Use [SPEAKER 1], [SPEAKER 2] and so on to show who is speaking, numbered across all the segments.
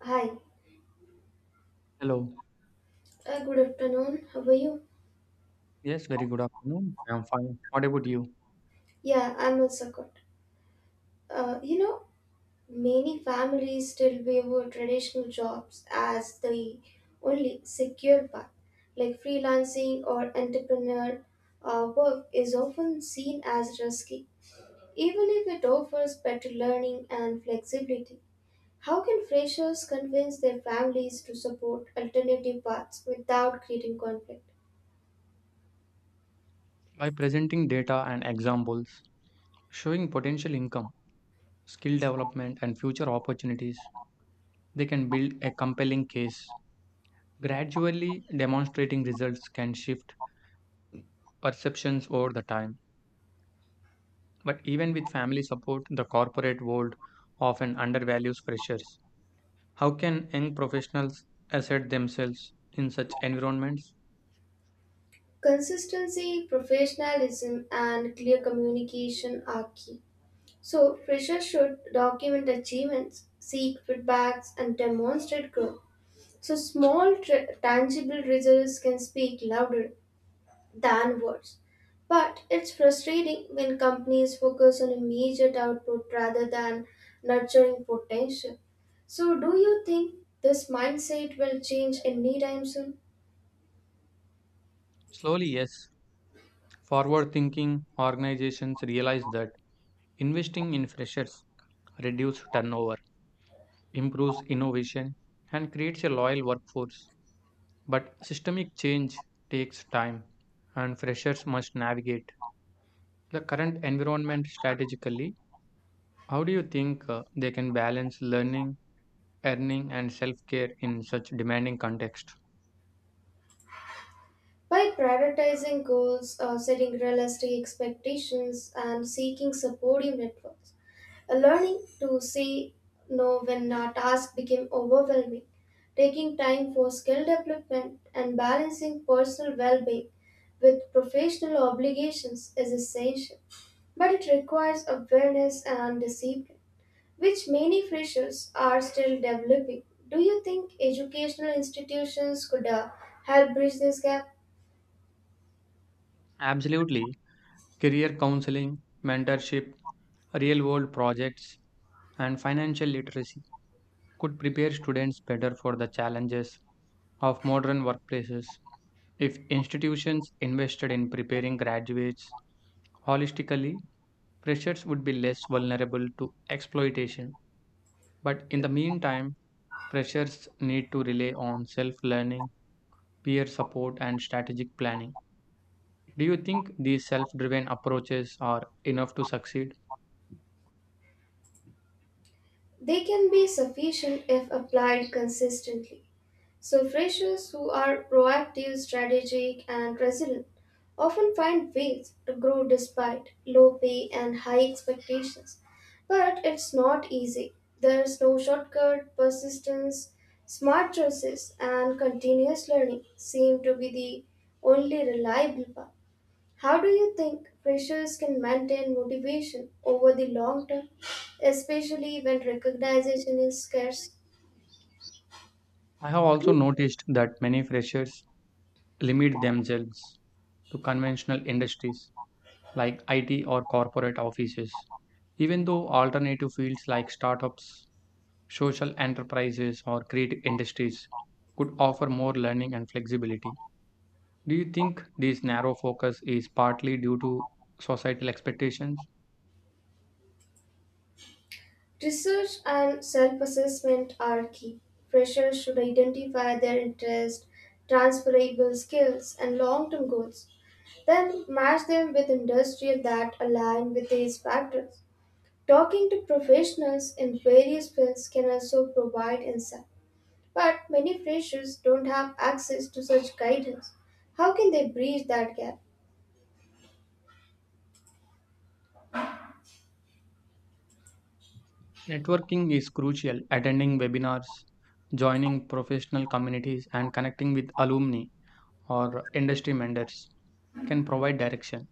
[SPEAKER 1] Hi,
[SPEAKER 2] Hello.
[SPEAKER 1] good afternoon. How are you?
[SPEAKER 2] Yes, very good afternoon. I am fine. What about you?
[SPEAKER 1] Yeah, I'm also good. Uh, you know, Many families still view traditional jobs as the only secure path. Like freelancing or entrepreneur work is often seen as risky, even if it offers better learning and flexibility. How can freshers convince their families to support alternative paths without creating conflict?
[SPEAKER 2] By presenting data and examples, showing potential income, skill development, and future opportunities, they can build a compelling case. Gradually demonstrating results can shift perceptions over the time. But even with family support, the corporate world often undervalues freshers. How can young professionals assert themselves in such environments?
[SPEAKER 1] Consistency, professionalism, and clear communication are key. So, freshers should document achievements, seek feedbacks, and demonstrate growth. So, small tangible results can speak louder than words. But it's frustrating when companies focus on immediate output rather than nurturing potential. So, do you think this mindset will change anytime soon?
[SPEAKER 2] Slowly, yes. Forward thinking organizations realize that investing in freshers reduces turnover, improves innovation, and creates a loyal workforce. But systemic change takes time, and freshers must navigate the current environment strategically. How do you think they can balance learning, earning, and self care in such demanding context?
[SPEAKER 1] By prioritizing goals, setting realistic expectations, and seeking supportive networks, learning to say no when a task became overwhelming, taking time for skill development, and balancing personal well being with professional obligations is essential. But it requires awareness and discipline, which many freshers are still developing. Do you think educational institutions could help bridge this gap?
[SPEAKER 2] Absolutely. Career counseling, mentorship, real world projects, and financial literacy could prepare students better for the challenges of modern workplaces. If institutions invested in preparing graduates holistically, freshers would be less vulnerable to exploitation. But in the meantime, freshers need to rely on self learning, peer support, and strategic planning. Do you think these self driven approaches are enough to succeed?
[SPEAKER 1] They can be sufficient if applied consistently. So, freshers who are proactive, strategic, and resilient often find ways to grow despite low pay and high expectations. But it's not easy. There's no shortcut, persistence, smart choices, and continuous learning seem to be the only reliable path. How do you think freshers can maintain motivation over the long term, especially when recognition is scarce?
[SPEAKER 2] I have also noticed that many freshers limit themselves to conventional industries like IT or corporate offices. Even though alternative fields like startups, social enterprises, or creative industries could offer more learning and flexibility. Do you think this narrow focus is partly due to societal expectations?
[SPEAKER 1] Research and self assessment are key. Freshers should identify their interests, transferable skills, and long term goals, then match them with industries that align with these factors. Talking to professionals in various fields can also provide insight. But many freshers don't have access to such guidance. How can they bridge that gap?
[SPEAKER 2] Networking is crucial. Attending webinars, joining professional communities, and connecting with alumni or industry mentors can provide direction.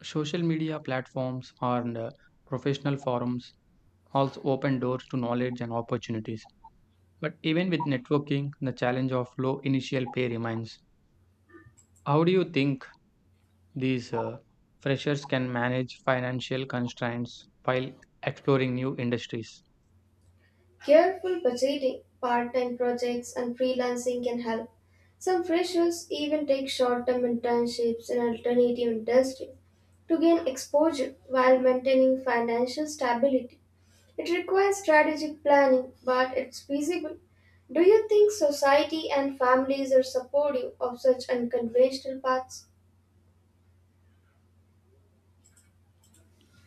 [SPEAKER 2] Social media platforms and professional forums also open doors to knowledge and opportunities. But even with networking, the challenge of low initial pay remains. How do you think these freshers can manage financial constraints while exploring new industries?
[SPEAKER 1] Careful budgeting, part time projects, and freelancing can help. Some freshers even take short term internships in alternative industries to gain exposure while maintaining financial stability. It requires strategic planning, but it's feasible. Do you think society and families are supportive of such unconventional paths?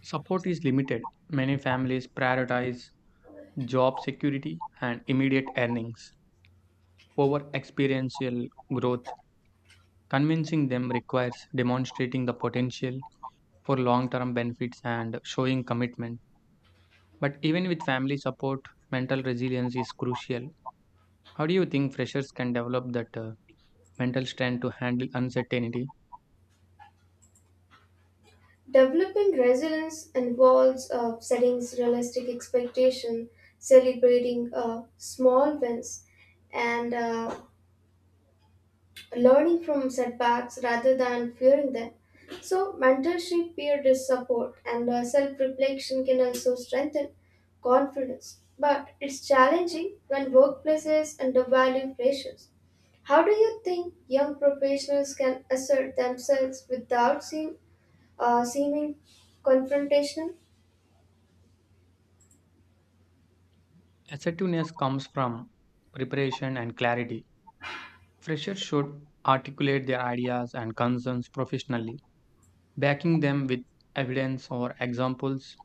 [SPEAKER 2] Support is limited. Many families prioritize job security and immediate earnings over experiential growth. Convincing them requires demonstrating the potential for long term benefits and showing commitment. But even with family support, mental resilience is crucial. How do you think freshers can develop that mental strength to handle uncertainty?
[SPEAKER 1] Developing resilience involves setting realistic expectation, celebrating small wins, and learning from setbacks rather than fearing them. So, mentorship, peer support, and self-reflection can also strengthen confidence. But it's challenging when workplaces undervalue freshers. How do you think young professionals can assert themselves without seeming confrontational?
[SPEAKER 2] Assertiveness comes from preparation and clarity. Freshers should articulate their ideas and concerns professionally, backing them with evidence or examples.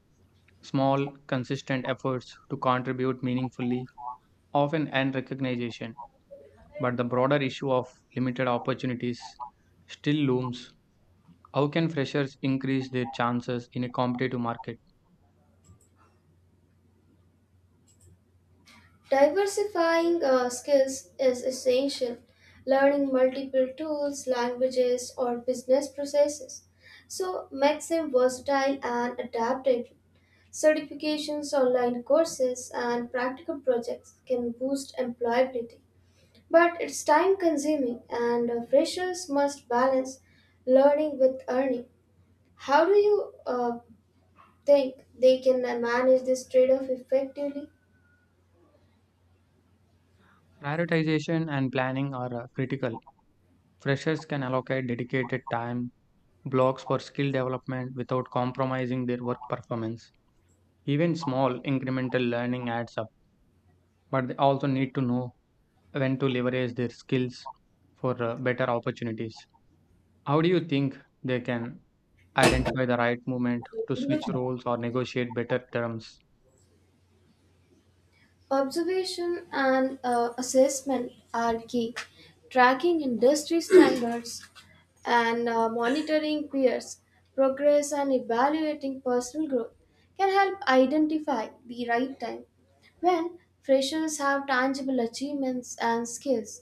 [SPEAKER 2] Small, consistent efforts to contribute meaningfully often earn recognition, but the broader issue of limited opportunities still looms. How can freshers increase their chances in a competitive market?
[SPEAKER 1] Diversifying skills is essential. Learning multiple tools, languages, or business processes so makes them versatile and adaptable. Certifications, online courses, and practical projects can boost employability, but it's time-consuming, and freshers must balance learning with earning. How do you think they can manage this trade-off effectively?
[SPEAKER 2] Prioritization and planning are critical. Freshers can allocate dedicated time blocks for skill development without compromising their work performance. Even small incremental learning adds up, but they also need to know when to leverage their skills for better opportunities. How do you think they can identify the right moment to switch roles or negotiate better terms?
[SPEAKER 1] Observation and assessment are key. Tracking industry standards and monitoring peers' progress and evaluating personal growth can help identify the right time. When freshers have tangible achievements and skills,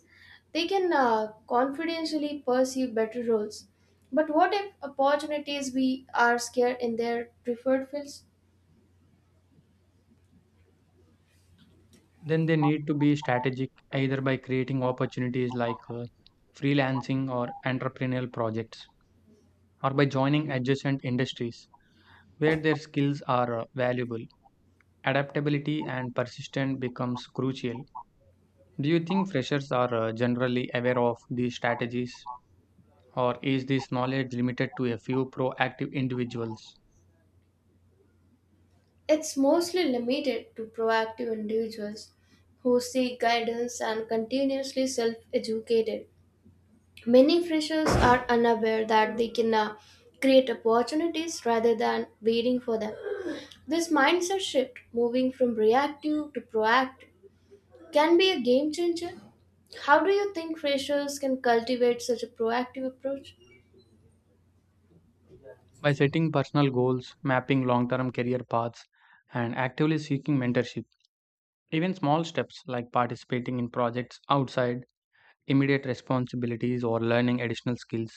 [SPEAKER 1] they can confidentially pursue better roles. But what if opportunities we are scared in their preferred fields?
[SPEAKER 2] Then they need to be strategic, either by creating opportunities like freelancing or entrepreneurial projects, or by joining adjacent industries where their skills are valuable. Adaptability and persistence becomes crucial. Do you think freshers are generally aware of these strategies, or is this knowledge limited to a few proactive individuals?
[SPEAKER 1] It's mostly limited to proactive individuals who seek guidance and continuously self educated. Many freshers are unaware that they can create opportunities rather than waiting for them. This mindset shift, moving from reactive to proactive, can be a game changer. How do you think freshers can cultivate such a proactive approach?
[SPEAKER 2] By setting personal goals, mapping long-term career paths, and actively seeking mentorship. Even small steps like participating in projects outside immediate responsibilities or learning additional skills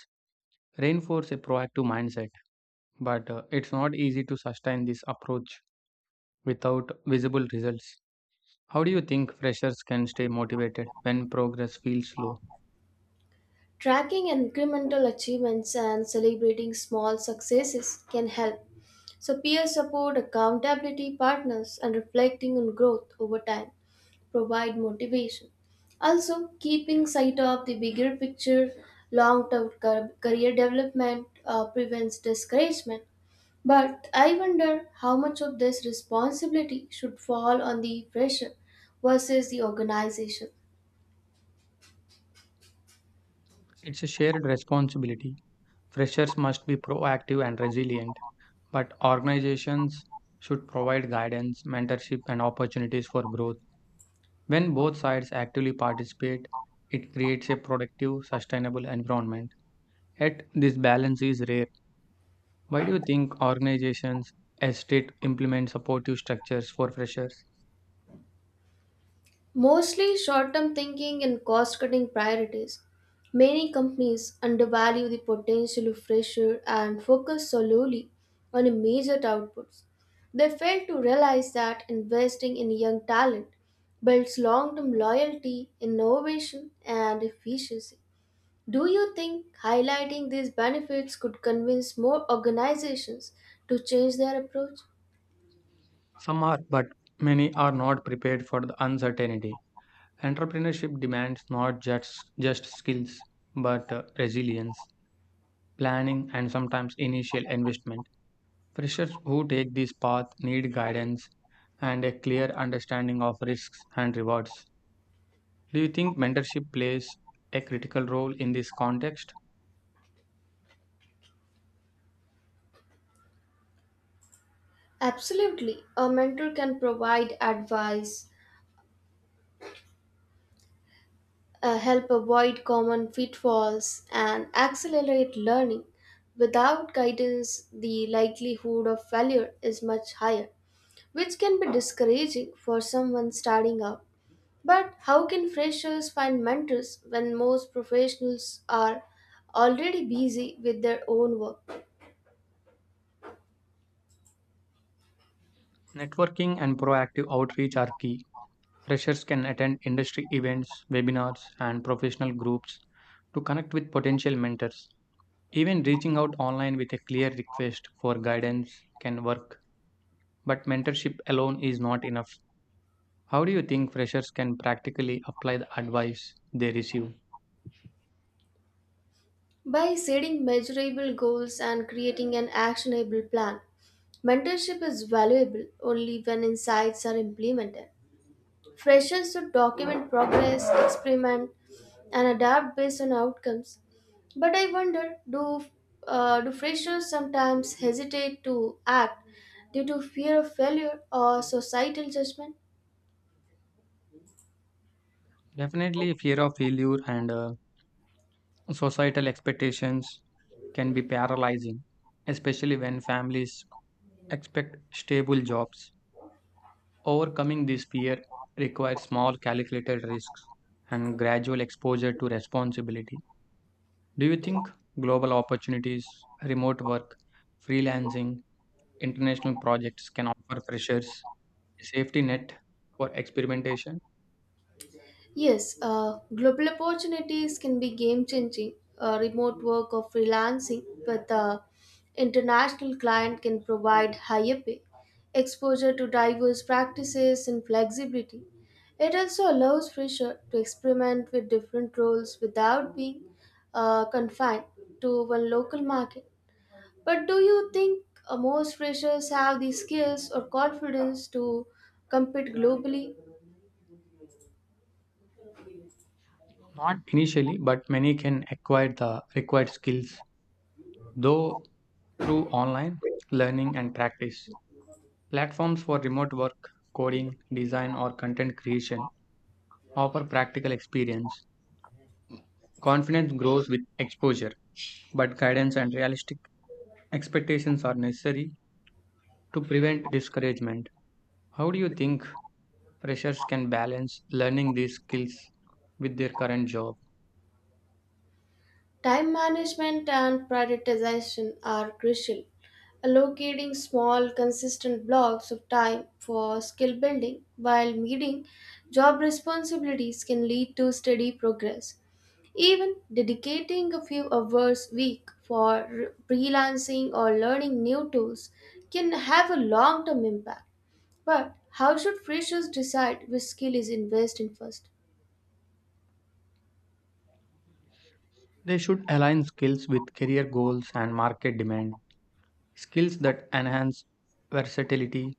[SPEAKER 2] reinforce a proactive mindset, but it's not easy to sustain this approach without visible results. How do you think freshers can stay motivated when progress feels slow?
[SPEAKER 1] Tracking incremental achievements and celebrating small successes can help. So, peer support, accountability partners, and reflecting on growth over time provide motivation. Also, keeping sight of the bigger picture, long term career development prevents discouragement. But I wonder how much of this responsibility should fall on the pressure versus the organization.
[SPEAKER 2] It's a shared responsibility. Freshers must be proactive and resilient, but organizations should provide guidance, mentorship, and opportunities for growth. When both sides actively participate, it creates a productive, sustainable environment. Yet, this balance is rare. Why do you think organizations hesitate to implement supportive structures for freshers?
[SPEAKER 1] Mostly short term thinking and cost cutting priorities. Many companies undervalue the potential of pressure and focus solely on immediate outputs. They fail to realize that investing in young talent builds long term loyalty, innovation, and efficiency. Do you think highlighting these benefits could convince more organizations to change their approach?
[SPEAKER 2] Some are, but many are not prepared for the uncertainty. Entrepreneurship demands not just, just skills, but resilience, planning, and sometimes initial investment. Freshers who take this path need guidance and a clear understanding of risks and rewards. Do you think mentorship plays a critical role in this context?
[SPEAKER 1] Absolutely. A mentor can provide advice, help avoid common pitfalls and accelerate learning. Without guidance, the likelihood of failure is much higher, which can be discouraging for someone starting out. But how can freshers find mentors when most professionals are already busy with their own work?
[SPEAKER 2] Networking and proactive outreach are key. Freshers can attend industry events, webinars, and professional groups to connect with potential mentors. Even reaching out online with a clear request for guidance can work, but mentorship alone is not enough. How do you think freshers can practically apply the advice they receive?
[SPEAKER 1] By setting measurable goals and creating an actionable plan, mentorship is valuable only when insights are implemented. Freshers should document progress, experiment, and adapt based on outcomes. But I wonder do freshers sometimes hesitate to act due to fear of failure or societal judgment?
[SPEAKER 2] Definitely, fear of failure and societal expectations can be paralyzing, especially when families expect stable jobs. Overcoming this fear requires small, calculated risks and gradual exposure to responsibility. Do you think global opportunities, remote work, freelancing, international projects can offer freshers a safety net for experimentation?
[SPEAKER 1] Yes, global opportunities can be game changing. Remote work or freelancing with an international client can provide higher pay, exposure to diverse practices, and flexibility. It also allows fresher to experiment with different roles without being confined to one local market. But do you think most freshers have the skills or confidence to compete globally?
[SPEAKER 2] Not initially, but many can acquire the required skills Though through online learning and practice. Platforms for remote work, coding, design, or content creation offer practical experience. Confidence grows with exposure, but guidance and realistic expectations are necessary to prevent discouragement. How do you think freshers can balance learning these skills with their current job?
[SPEAKER 1] Time management and prioritization are crucial. Allocating small, consistent blocks of time for skill building while meeting job responsibilities can lead to steady progress. Even dedicating a few hours a week for freelancing or learning new tools can have a long term impact. But how should freshers decide which skill is investing first?
[SPEAKER 2] They should align skills with career goals and market demand. Skills that enhance versatility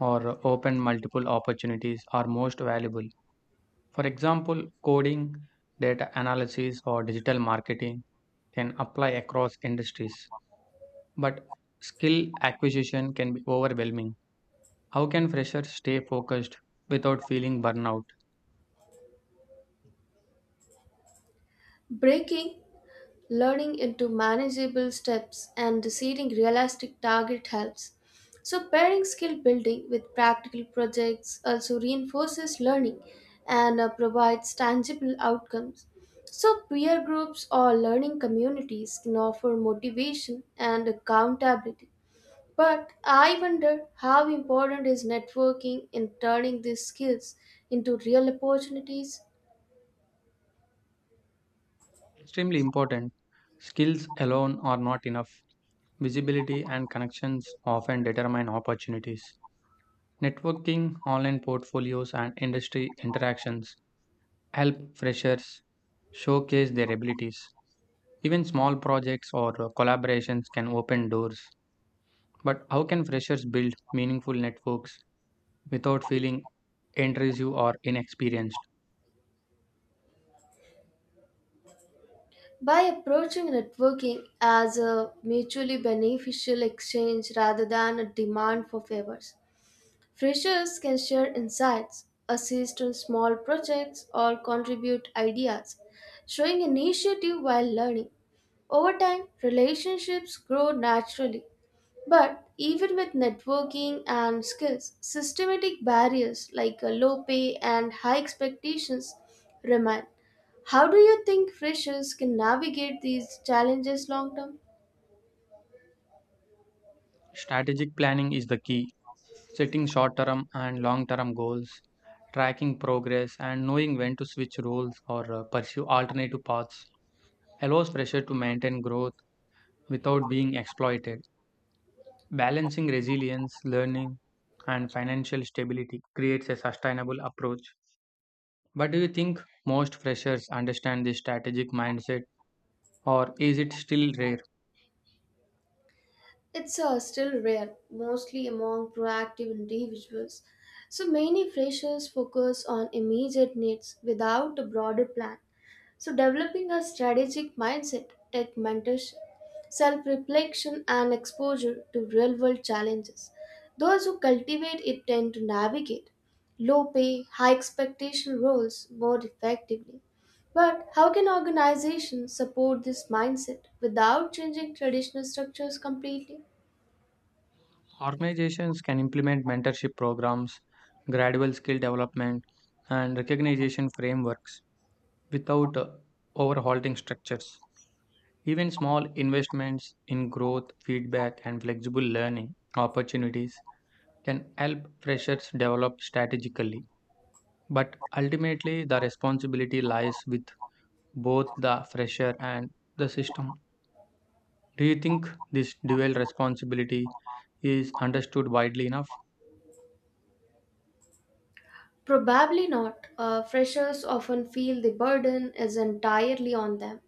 [SPEAKER 2] or open multiple opportunities are most valuable. For example, coding, data analysis, or digital marketing can apply across industries, but skill acquisition can be overwhelming. How can freshers stay focused without feeling burnout?
[SPEAKER 1] Breaking learning into manageable steps and setting realistic target helps. So pairing skill building with practical projects also reinforces learning and provides tangible outcomes. So peer groups or learning communities can offer motivation and accountability. But I wonder how important is networking in turning these skills into real opportunities?
[SPEAKER 2] Extremely important. Skills alone are not enough. Visibility and connections often determine opportunities. Networking, online portfolios, and industry interactions help freshers showcase their abilities. Even small projects or collaborations can open doors. But how can freshers build meaningful networks without feeling intrusive or inexperienced?
[SPEAKER 1] By approaching networking as a mutually beneficial exchange rather than a demand for favors, freshers can share insights, assist on small projects, or contribute ideas, showing initiative while learning. Over time, relationships grow naturally but even with networking and skills, systematic barriers like low pay and high expectations remain. How do you think freshers can navigate these challenges long term?
[SPEAKER 2] Strategic planning is the key. Setting short term and long term goals, tracking progress, and knowing when to switch roles or pursue alternative paths allows freshers to maintain growth without being exploited. Balancing resilience, learning, and financial stability creates a sustainable approach. But do you think most freshers understand this strategic mindset, or is it still rare?
[SPEAKER 1] It's still rare, mostly among proactive individuals. So many freshers focus on immediate needs without a broader plan. So, developing a strategic mindset, tech mentorship, self reflection, and exposure to real world challenges. Those who cultivate it tend to navigate low pay, high expectation roles more effectively. But how can organizations support this mindset without changing traditional structures completely?
[SPEAKER 2] Organizations can implement mentorship programs, gradual skill development, and recognition frameworks without overhauling structures. Even small investments in growth, feedback, and flexible learning opportunities can help freshers develop strategically. But ultimately, the responsibility lies with both the fresher and the system. Do you think this dual responsibility is understood widely enough?
[SPEAKER 1] Probably not. Freshers often feel the burden is entirely on them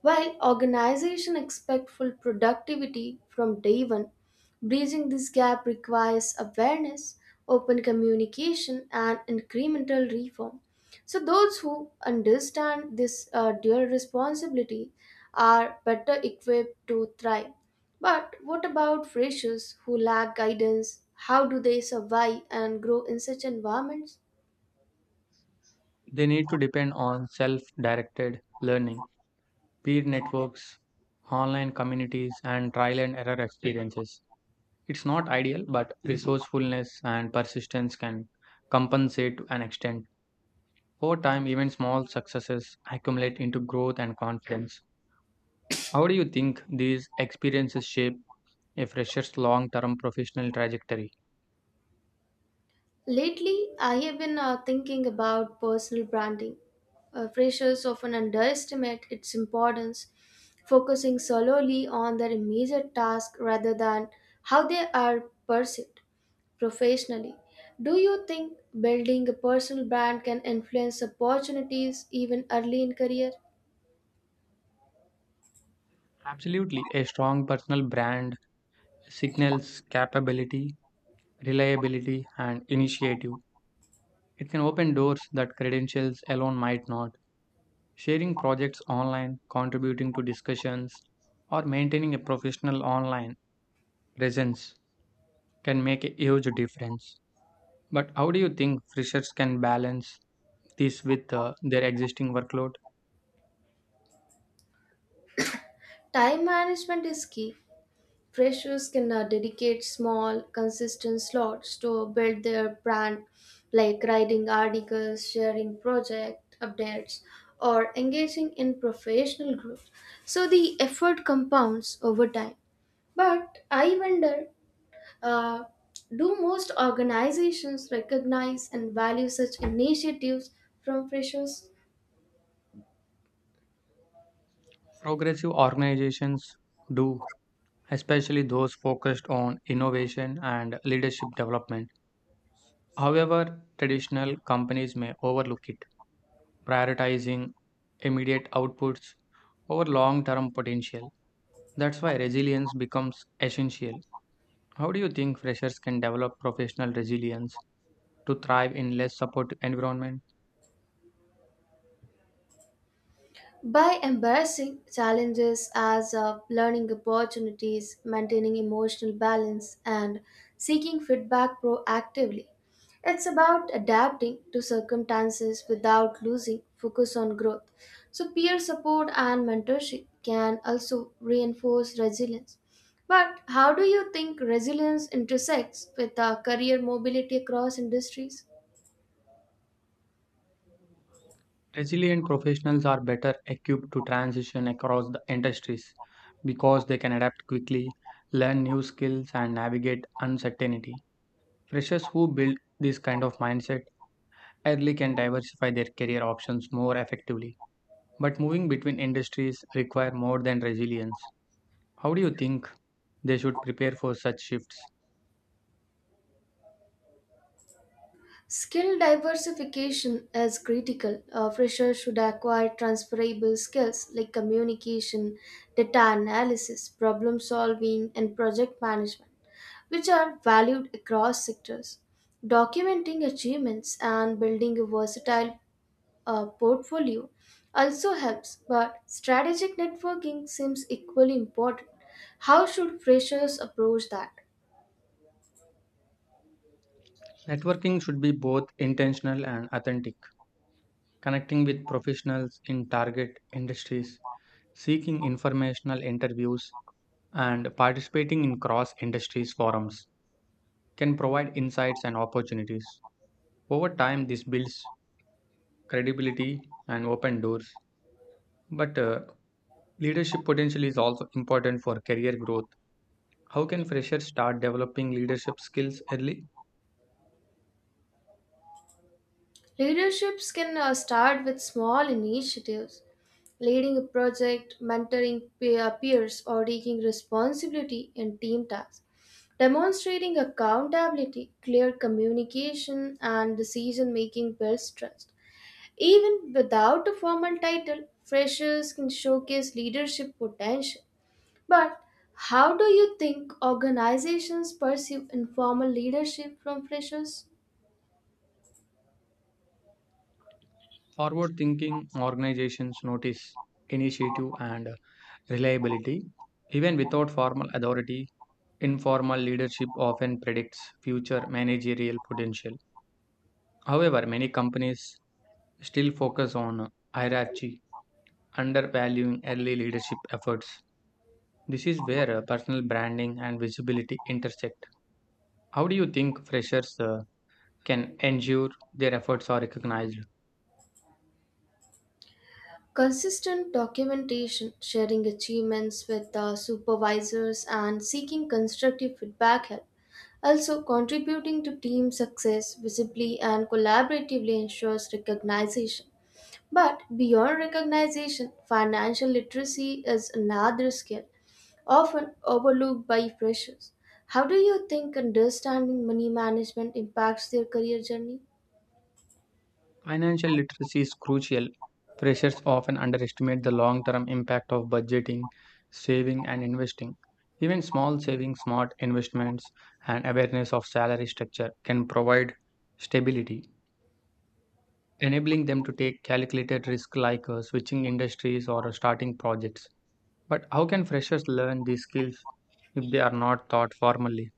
[SPEAKER 1] while organizations expect full productivity from day one, bridging this gap requires awareness, open communication, and incremental reform. So, those who understand this dual responsibility are better equipped to thrive. But what about freshers who lack guidance? How do they survive and grow in such environments?
[SPEAKER 2] They need to depend on self directed learning, peer networks, online communities, and trial and error experiences. It's not ideal, but resourcefulness and persistence can compensate to an extent. Over time, even small successes accumulate into growth and confidence. How do you think these experiences shape a fresher's long term professional trajectory?
[SPEAKER 1] Lately, I have been thinking about personal branding. Freshers often underestimate its importance, focusing solely on their immediate task rather than how they are perceived professionally. Do you think building a personal brand can influence opportunities even early in career?
[SPEAKER 2] Absolutely. A strong personal brand signals capability, reliability, and initiative. It can open doors that credentials alone might not. Sharing projects online, contributing to discussions, or maintaining a professional online presence can make a huge difference. But how do you think freshers can balance this with their existing workload?
[SPEAKER 1] Time management is key. Freshers can dedicate small, consistent slots to build their brand, like writing articles, sharing project updates, or engaging in professional groups. So the effort compounds over time. But I wonder uh, do most organizations recognize and value such initiatives from freshers?
[SPEAKER 2] Progressive organizations do, especially those focused on innovation and leadership development. However, traditional companies may overlook it, prioritizing immediate outputs over long term potential. That's why resilience becomes essential. How do you think freshers can develop professional resilience to thrive in less supportive environment?
[SPEAKER 1] By embracing challenges as learning opportunities, maintaining emotional balance, and seeking feedback proactively. It's about adapting to circumstances without losing focus on growth. So, peer support and mentorship can also reinforce resilience. But how do you think resilience intersects with career mobility across industries?
[SPEAKER 2] Resilient professionals are better equipped to transition across the industries because they can adapt quickly, learn new skills, and navigate uncertainty. Freshers who build this kind of mindset early can diversify their career options more effectively. But moving between industries require more than resilience. How do you think they should prepare for such shifts?
[SPEAKER 1] Skill diversification is critical. A fresher should acquire transferable skills like communication, data analysis, problem solving, and project management, which are valued across sectors. Documenting achievements and building a versatile portfolio also helps, but strategic networking seems equally important. How should freshers approach that?
[SPEAKER 2] Networking should be both intentional and authentic, connecting with professionals in target industries, seeking informational interviews, and participating in cross industries forums can provide insights and opportunities. Over time, this builds credibility and open doors. But leadership potential is also important for career growth. How can freshers start developing leadership skills early?
[SPEAKER 1] Leaderships can start with small initiatives. Leading a project, mentoring peers, or taking responsibility in team tasks. Demonstrating accountability, clear communication, and decision making builds trust. Even without a formal title, freshers can showcase leadership potential. But how do you think organizations perceive informal leadership from freshers?
[SPEAKER 2] Forward thinking organizations notice initiative and reliability even without formal authority. Informal leadership often predicts future managerial potential. However, many companies still focus on hierarchy, undervaluing early leadership efforts. This is where personal branding and visibility intersect. How do you think freshers can ensure their efforts are recognized?
[SPEAKER 1] Consistent documentation, sharing achievements with the supervisors, and seeking constructive feedback help. Also, contributing to team success visibly and collaboratively ensures recognition. But beyond recognition, financial literacy is another skill often overlooked by freshers. How do you think understanding money management impacts their career journey?
[SPEAKER 2] Financial literacy is crucial. Freshers often underestimate the long term impact of budgeting, saving, and investing. Even small savings, smart investments, and awareness of salary structure can provide stability, enabling them to take calculated risk like switching industries or starting projects. But how can freshers learn these skills if they are not taught formally?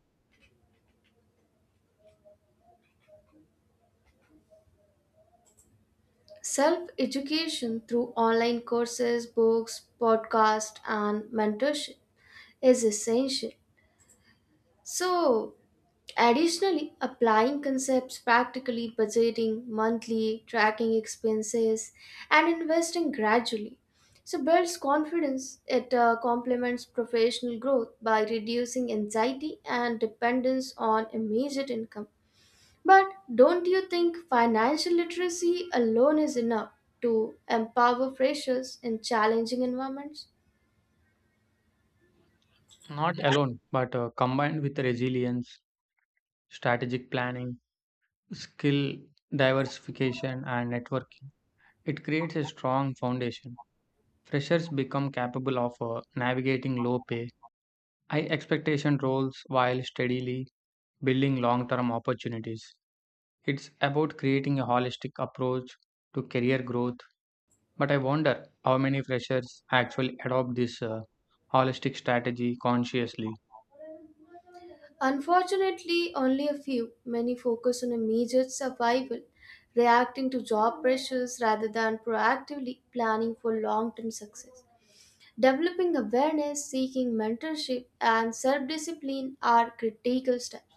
[SPEAKER 1] Self education through online courses, books, podcasts, and mentorship is essential. So, additionally, applying concepts practically, budgeting monthly, tracking expenses, and investing gradually. So, builds confidence. It complements professional growth by reducing anxiety and dependence on immediate income. But don't you think financial literacy alone is enough to empower freshers in challenging environments?
[SPEAKER 2] Not alone, but combined with resilience, strategic planning, skill diversification, and networking. It creates a strong foundation. Freshers become capable of navigating low pay, high expectation roles while steadily building long term opportunities. It's about creating a holistic approach to career growth, but I wonder how many freshers actually adopt this holistic strategy consciously.
[SPEAKER 1] Unfortunately, only a few, many focus on immediate survival, reacting to job pressures rather than proactively planning for long term success. Developing awareness, seeking mentorship, and self discipline are critical steps.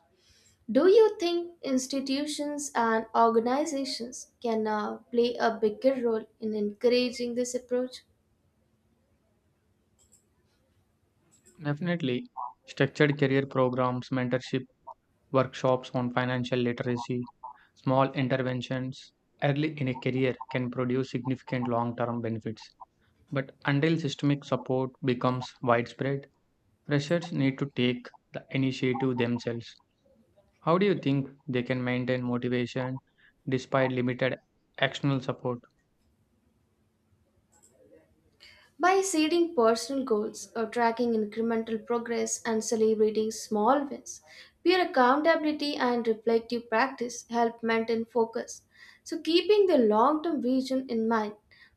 [SPEAKER 1] Do you think institutions and organizations can play a bigger role in encouraging this approach?
[SPEAKER 2] Definitely, structured career programs, mentorship, workshops on financial literacy, small interventions early in a career can produce significant long term benefits. But until systemic support becomes widespread, freshers need to take the initiative themselves. How do you think they can maintain motivation despite limited external support?
[SPEAKER 1] By setting personal goals, or tracking incremental progress, and celebrating small wins, peer accountability and reflective practice help maintain focus. So, keeping the long term vision in mind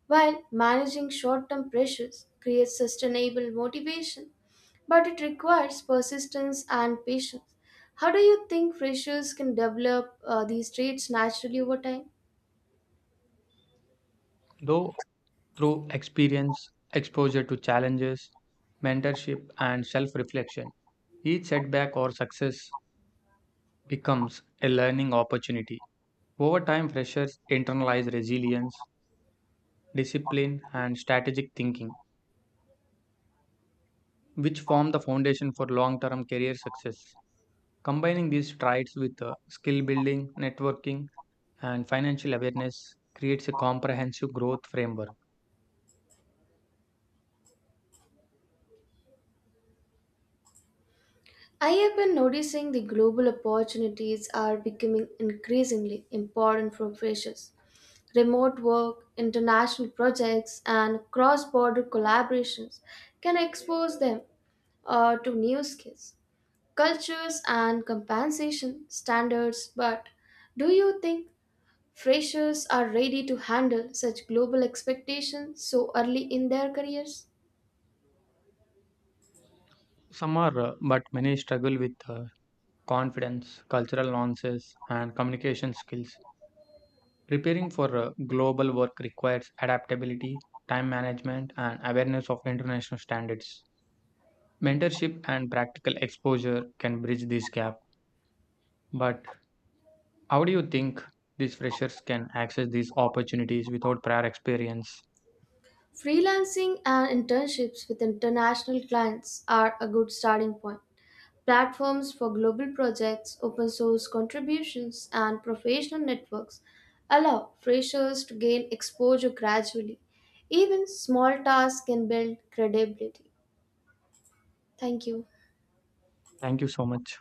[SPEAKER 1] while managing short term pressures creates sustainable motivation, but it requires persistence and patience. How do you think freshers can develop these traits naturally over time?
[SPEAKER 2] Though through experience, exposure to challenges, mentorship, and self reflection, each setback or success becomes a learning opportunity. Over time, freshers internalize resilience, discipline, and strategic thinking, which form the foundation for long term career success. Combining these traits with skill building, networking, and financial awareness creates a comprehensive growth framework.
[SPEAKER 1] I have been noticing the global opportunities are becoming increasingly important for freshers. Remote work, international projects, and cross border collaborations can expose them to new skills, cultures, and compensation standards. But do you think freshers are ready to handle such global expectations so early in their careers?
[SPEAKER 2] Some are, but many struggle with confidence, cultural nuances, and communication skills. Preparing for global work requires adaptability, time management, and awareness of international standards. Mentorship and practical exposure can bridge this gap. But how do you think these freshers can access these opportunities without prior experience?
[SPEAKER 1] Freelancing and internships with international clients are a good starting point. Platforms for global projects, open source contributions, and professional networks allow freshers to gain exposure gradually. Even small tasks can build credibility. Thank you.
[SPEAKER 2] Thank you so much.